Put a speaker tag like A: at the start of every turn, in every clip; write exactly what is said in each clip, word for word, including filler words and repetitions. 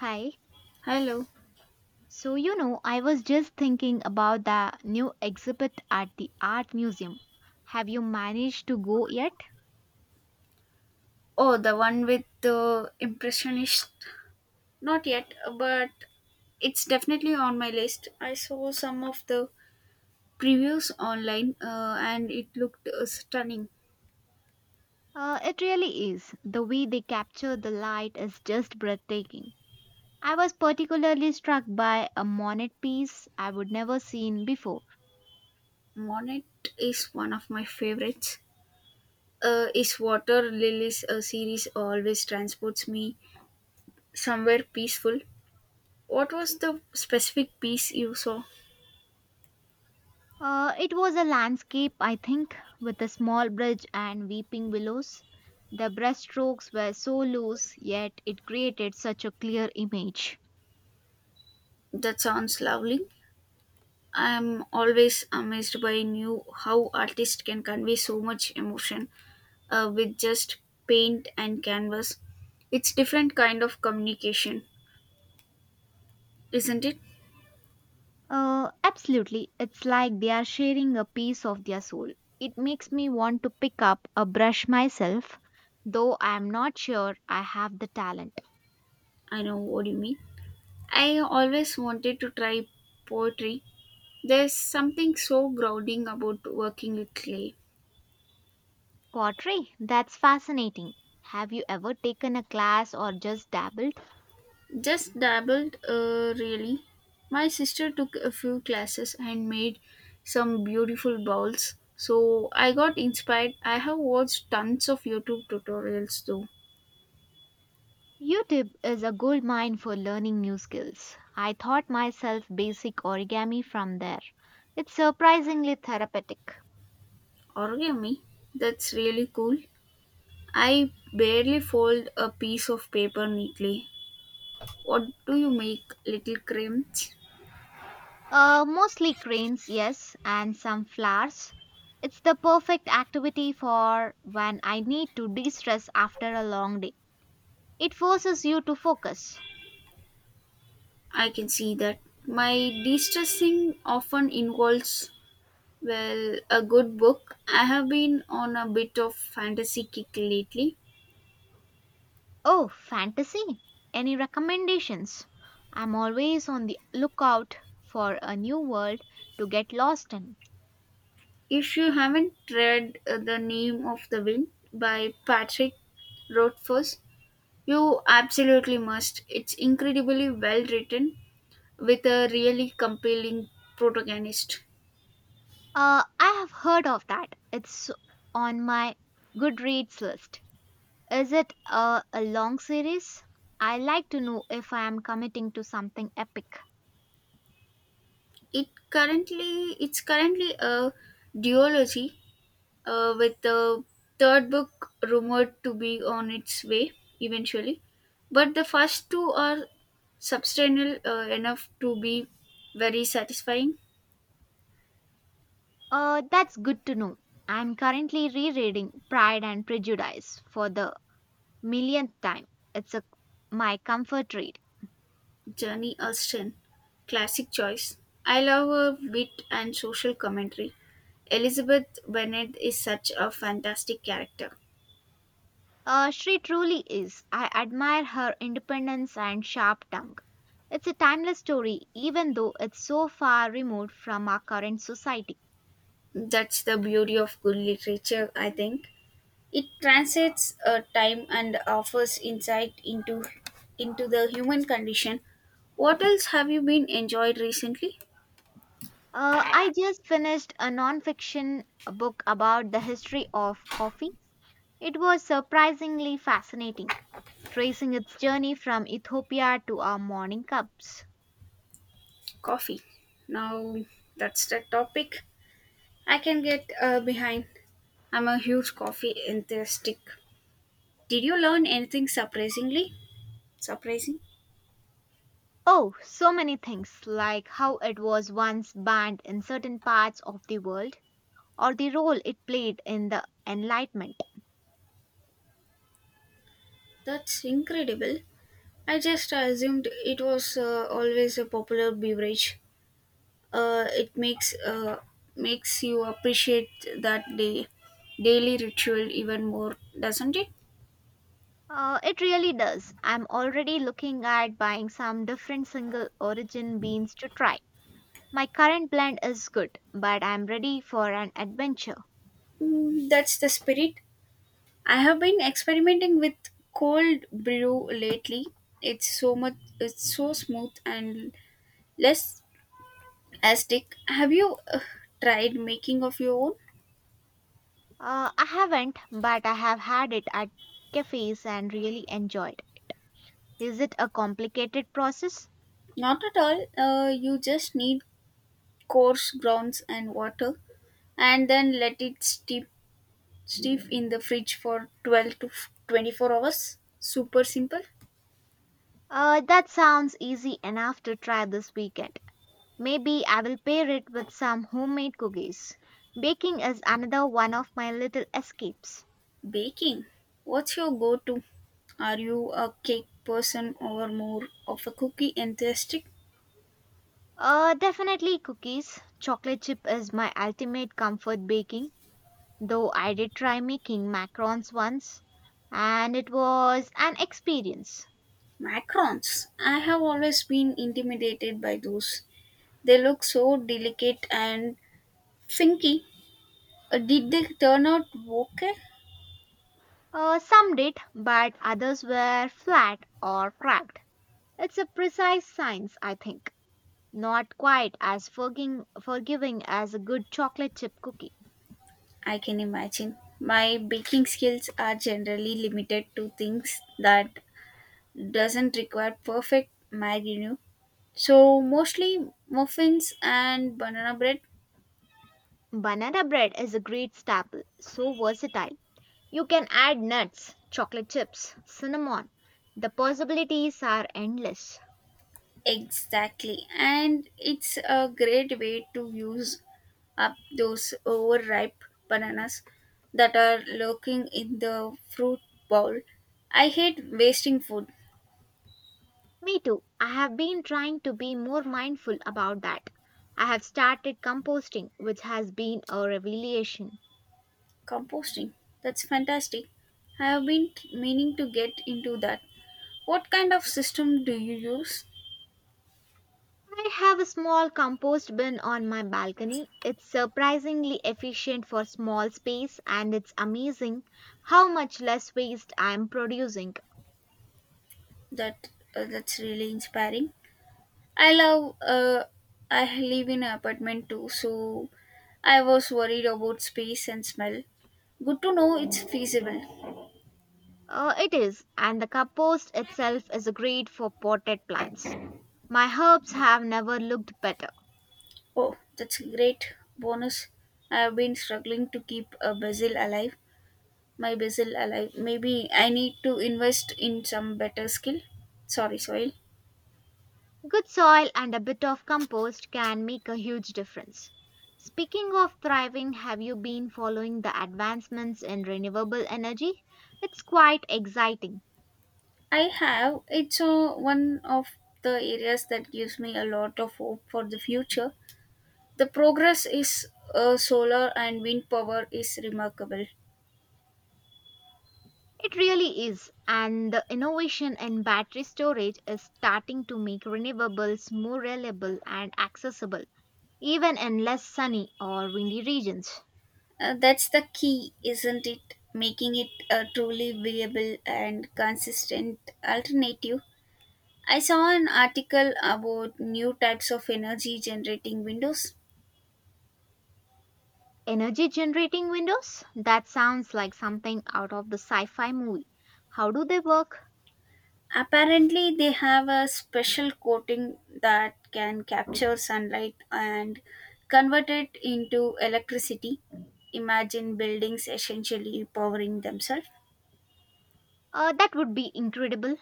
A: Hi.
B: Hello.
A: So, you know, I was just thinking about the new exhibit at the art museum. Have you managed to go yet?
B: Oh, the one with the impressionist. Not yet, but it's definitely on my list. I saw some of the previews online, uh, and it looked uh, stunning.
A: Uh, it really is. The way they capture the light is just breathtaking. I was particularly struck by a monet piece I would never seen before.
B: Monet is one of my favorites. Uh, is Water Lilies uh, series always transports me somewhere peaceful. What was the specific piece you saw?
A: Uh, it was a landscape, I think, with a small bridge and weeping willows. The brushstrokes were so loose, yet it created such a clear image.
B: That sounds lovely. I am always amazed by new how artists can convey so much emotion, uh, with just paint and canvas. It's different kind of communication, isn't it?
A: Uh, absolutely. It's like they are sharing a piece of their soul. It makes me want to pick up a brush myself, though I'm not sure I have the talent.
B: I know what you mean. I always wanted to try poetry. There's something so grounding about working with clay.
A: Pottery, that's fascinating. Have you ever taken a class or just dabbled?
B: Just dabbled, uh, really. My sister took a few classes and made some beautiful bowls. So I got inspired. I have watched tons of YouTube tutorials though.
A: YouTube is a gold mine for learning new skills. I taught myself basic origami from there. It's surprisingly therapeutic.
B: Origami, that's really cool. I barely fold a piece of paper neatly. What do you make, little crimps?
A: Uh, mostly cranes, yes, and some flowers. It's the perfect activity for when I need to de stress after a long day. It forces you to focus.
B: I can see that. My de stressing often involves, well, a good book. I have been on a bit of fantasy kick lately.
A: Oh, fantasy? Any recommendations? I'm always on the lookout for a new world to get lost in.
B: If you haven't read uh, The Name of the Wind by Patrick Rothfuss, you absolutely must. It's incredibly well written with a really compelling protagonist.
A: Uh, I have heard of that. It's on my Goodreads list. Is it uh, a long series? I like to know if I am committing to something epic.
B: It currently it's currently a duology, uh, with the third book rumored to be on its way eventually, but the first two are substantial uh, enough to be very satisfying.
A: Uh, that's good to know. I'm currently rereading Pride and Prejudice for the millionth time. It's a, my comfort read.
B: Journey Austen, classic choice. I love her wit and social commentary. Elizabeth Bennet is such a fantastic character.
A: Uh, she truly is. I admire her independence and sharp tongue. It's a timeless story, even though it's so far removed from our current society.
B: That's the beauty of good literature, I think. It transcends, uh, time and offers insight into into the human condition. What else have you been enjoyed recently?
A: Uh, I just finished a non-fiction book about the history of coffee. It was surprisingly fascinating, tracing its journey from Ethiopia to our morning cups.
B: Coffee. Now that's the topic I can get uh, behind. I'm a huge coffee enthusiastic. Did you learn anything surprisingly? Surprising?
A: Oh, so many things, like how it was once banned in certain parts of the world, or the role it played in the Enlightenment.
B: That's incredible. I just assumed it was uh, always a popular beverage. uh, it makes uh, makes you appreciate that day daily ritual even more, doesn't it?
A: Uh, it really does. I'm already looking at buying some different single origin beans to try. My current blend is good, but I'm ready for an adventure.
B: Mm, that's the spirit. I have been experimenting with cold brew lately. It's so much it's so smooth and less acidic. Have you uh, tried making of your own?
A: Uh, I haven't, but I have had it at cafes and really enjoyed. Is it a complicated process?
B: Not at all. Uh, you just need coarse grounds and water, and then let it steep. Steep in the fridge for twelve to f- twenty-four hours. Super simple.
A: Uh, that sounds easy enough to try this weekend. Maybe I will pair it with some homemade cookies. Baking is another one of my little escapes.
B: Baking. What's your go to? Are you a cake person or more of a cookie enthusiast?
A: Uh, definitely cookies. Chocolate chip is my ultimate comfort baking, though I did try making macarons once and it was an experience.
B: Macarons. I have always been intimidated by those. They look so delicate and finky. Uh, Did they turn out okay?
A: Uh, some did, but others were flat or cracked. It's a precise science, I think. Not quite as forging, forgiving as a good chocolate chip cookie.
B: I can imagine. My baking skills are generally limited to things that doesn't require perfect marinade. So mostly muffins and banana bread.
A: Banana bread is a great staple, so versatile. You can add nuts, chocolate chips, cinnamon. The possibilities are endless.
B: Exactly. And it's a great way to use up those overripe bananas that are lurking in the fruit bowl. I hate wasting food.
A: Me too. I have been trying to be more mindful about that. I have started composting, which has been a revelation.
B: Composting. That's fantastic. I have been t- meaning to get into that. What kind of system do you use?
A: I have a small compost bin on my balcony. It's surprisingly efficient for small space and it's amazing how much less waste I am producing.
B: That uh, that's really inspiring. I love uh I live in an apartment too, so I was worried about space and smell. Good to know it's feasible.
A: Uh, it is, and the compost itself is great for potted plants. My herbs have never looked better.
B: Oh, that's a great bonus. I have been struggling to keep a basil alive. My basil alive. Maybe I need to invest in some better skill. Sorry, soil.
A: Good soil and a bit of compost can make a huge difference. Speaking of thriving, have you been following the advancements in renewable energy? It's quite exciting.
B: I have. It's uh, one of the areas that gives me a lot of hope for the future. The progress is, uh, solar and wind power is remarkable.
A: It really is, and the innovation in battery storage is starting to make renewables more reliable and accessible, even in less sunny or windy regions.
B: Uh, that's the key, isn't it? Making it a truly viable and consistent alternative. I saw an article about new types of energy generating windows.
A: Energy generating windows? That sounds like something out of the sci fi movie. How do they work?
B: Apparently, they have a special coating that can capture sunlight and convert it into electricity. Imagine buildings essentially powering themselves.
A: Uh, that would be incredible.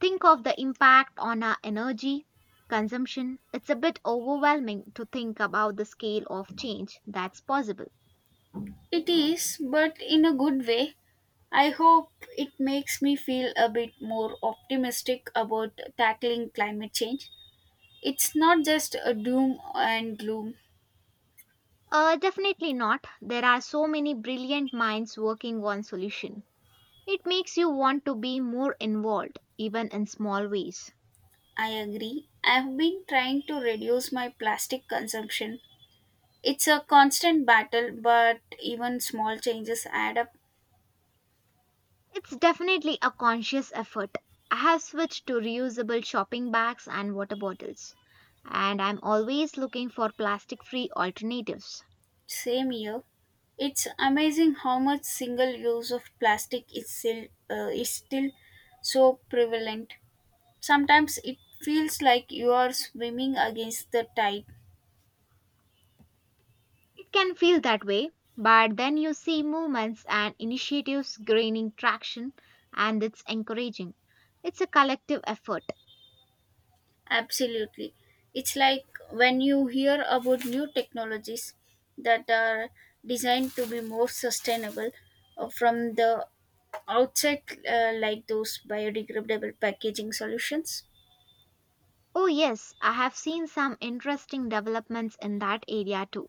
A: Think of the impact on our energy consumption. It's a bit overwhelming to think about the scale of change that's possible.
B: It is, but in a good way. I hope it makes me feel a bit more optimistic about tackling climate change. It's not just a doom and gloom.
A: Uh, definitely not. There are so many brilliant minds working on solution. It makes you want to be more involved, even in small ways.
B: I agree. I've been trying to reduce my plastic consumption. It's a constant battle, but even small changes add up.
A: It's definitely a conscious effort. I have switched to reusable shopping bags and water bottles, and I'm always looking for plastic free alternatives.
B: Same year, it's amazing how much single use of plastic is still uh, is still so prevalent. Sometimes it feels like you are swimming against the tide.
A: It can feel that way, but then you see movements and initiatives gaining traction, and it's encouraging. It's a collective effort.
B: Absolutely. It's like when you hear about new technologies that are designed to be more sustainable, uh, from the outset, uh, like those biodegradable packaging solutions.
A: Oh, yes, I have seen some interesting developments in that area too,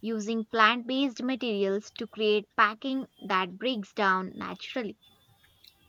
A: using plant based materials to create packing that breaks down naturally.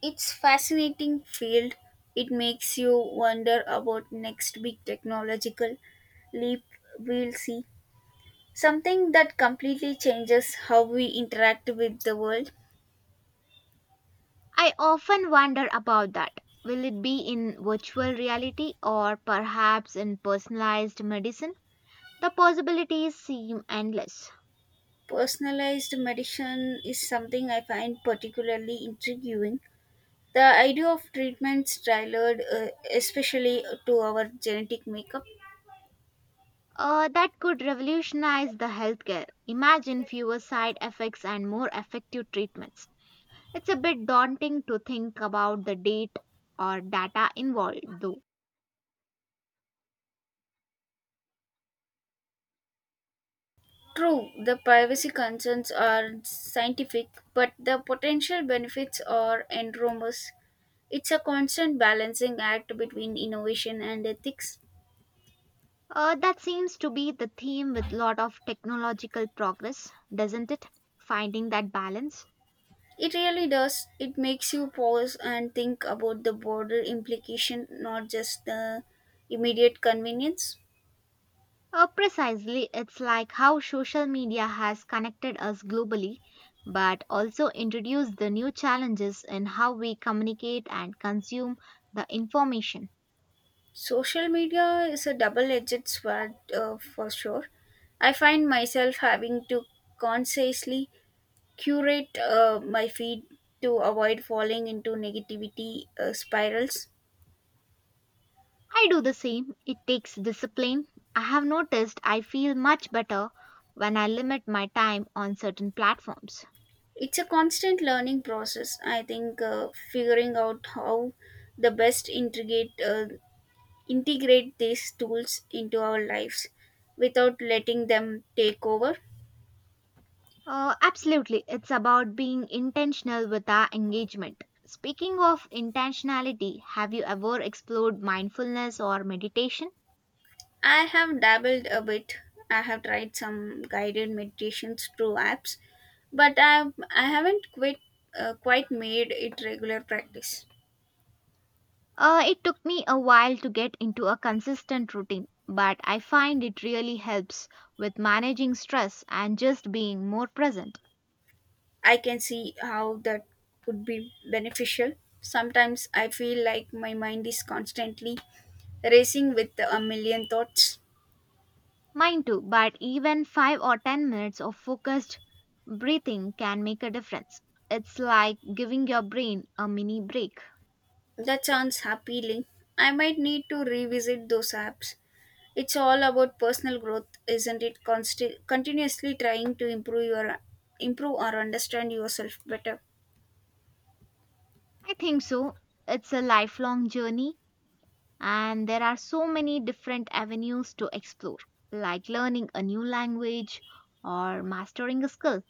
B: It's fascinating field. It makes you wonder about next big technological leap we'll see. Something that completely changes how we interact with the world.
A: I often wonder about that. Will it be in virtual reality or perhaps in personalized medicine? The possibilities seem endless.
B: Personalized medicine is something I find particularly intriguing. The idea of treatments tailored, uh, especially to our genetic makeup.
A: Uh, that could revolutionize the healthcare. Imagine fewer side effects and more effective treatments. It's a bit daunting to think about the date or data involved, though.
B: True, the privacy concerns are scientific, but the potential benefits are enormous. It's a constant balancing act between innovation and ethics.
A: Uh, that seems to be the theme with lot of technological progress, doesn't it? Finding that balance.
B: It really does. It makes you pause and think about the broader implication, not just the immediate convenience.
A: Uh, precisely, it's like how social media has connected us globally, but also introduced the new challenges in how we communicate and consume the information.
B: Social media is a double edged sword, uh, for sure. I find myself having to consciously curate, uh, my feed to avoid falling into negativity, uh, spirals.
A: I do the same. It takes discipline. I have noticed I feel much better when I limit my time on certain platforms.
B: It's a constant learning process, I think, uh, figuring out how the best integrate, uh, integrate these tools into our lives without letting them take over.
A: Uh, absolutely, it's about being intentional with our engagement. Speaking of intentionality, have you ever explored mindfulness or meditation?
B: I have dabbled a bit. I have tried some guided meditations through apps, but I I haven't quite uh, quite made it regular practice.
A: Uh, it took me a while to get into a consistent routine, but I find it really helps with managing stress and just being more present.
B: I can see how that would be beneficial. Sometimes I feel like my mind is constantly racing with a million thoughts.
A: Mine too, but even five or ten minutes of focused breathing can make a difference. It's like giving your brain a mini break.
B: That sounds appealing. I might need to revisit those apps. It's all about personal growth, isn't it? Consti- continuously trying to improve your improve or understand yourself better.
A: I think so. It's a lifelong journey, and there are so many different avenues to explore, like learning a new language or mastering a skill.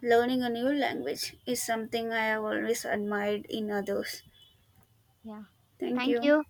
B: Learning a new language is something I have always admired in others.
A: Yeah.
B: Thank
A: Thank
B: you.
A: you.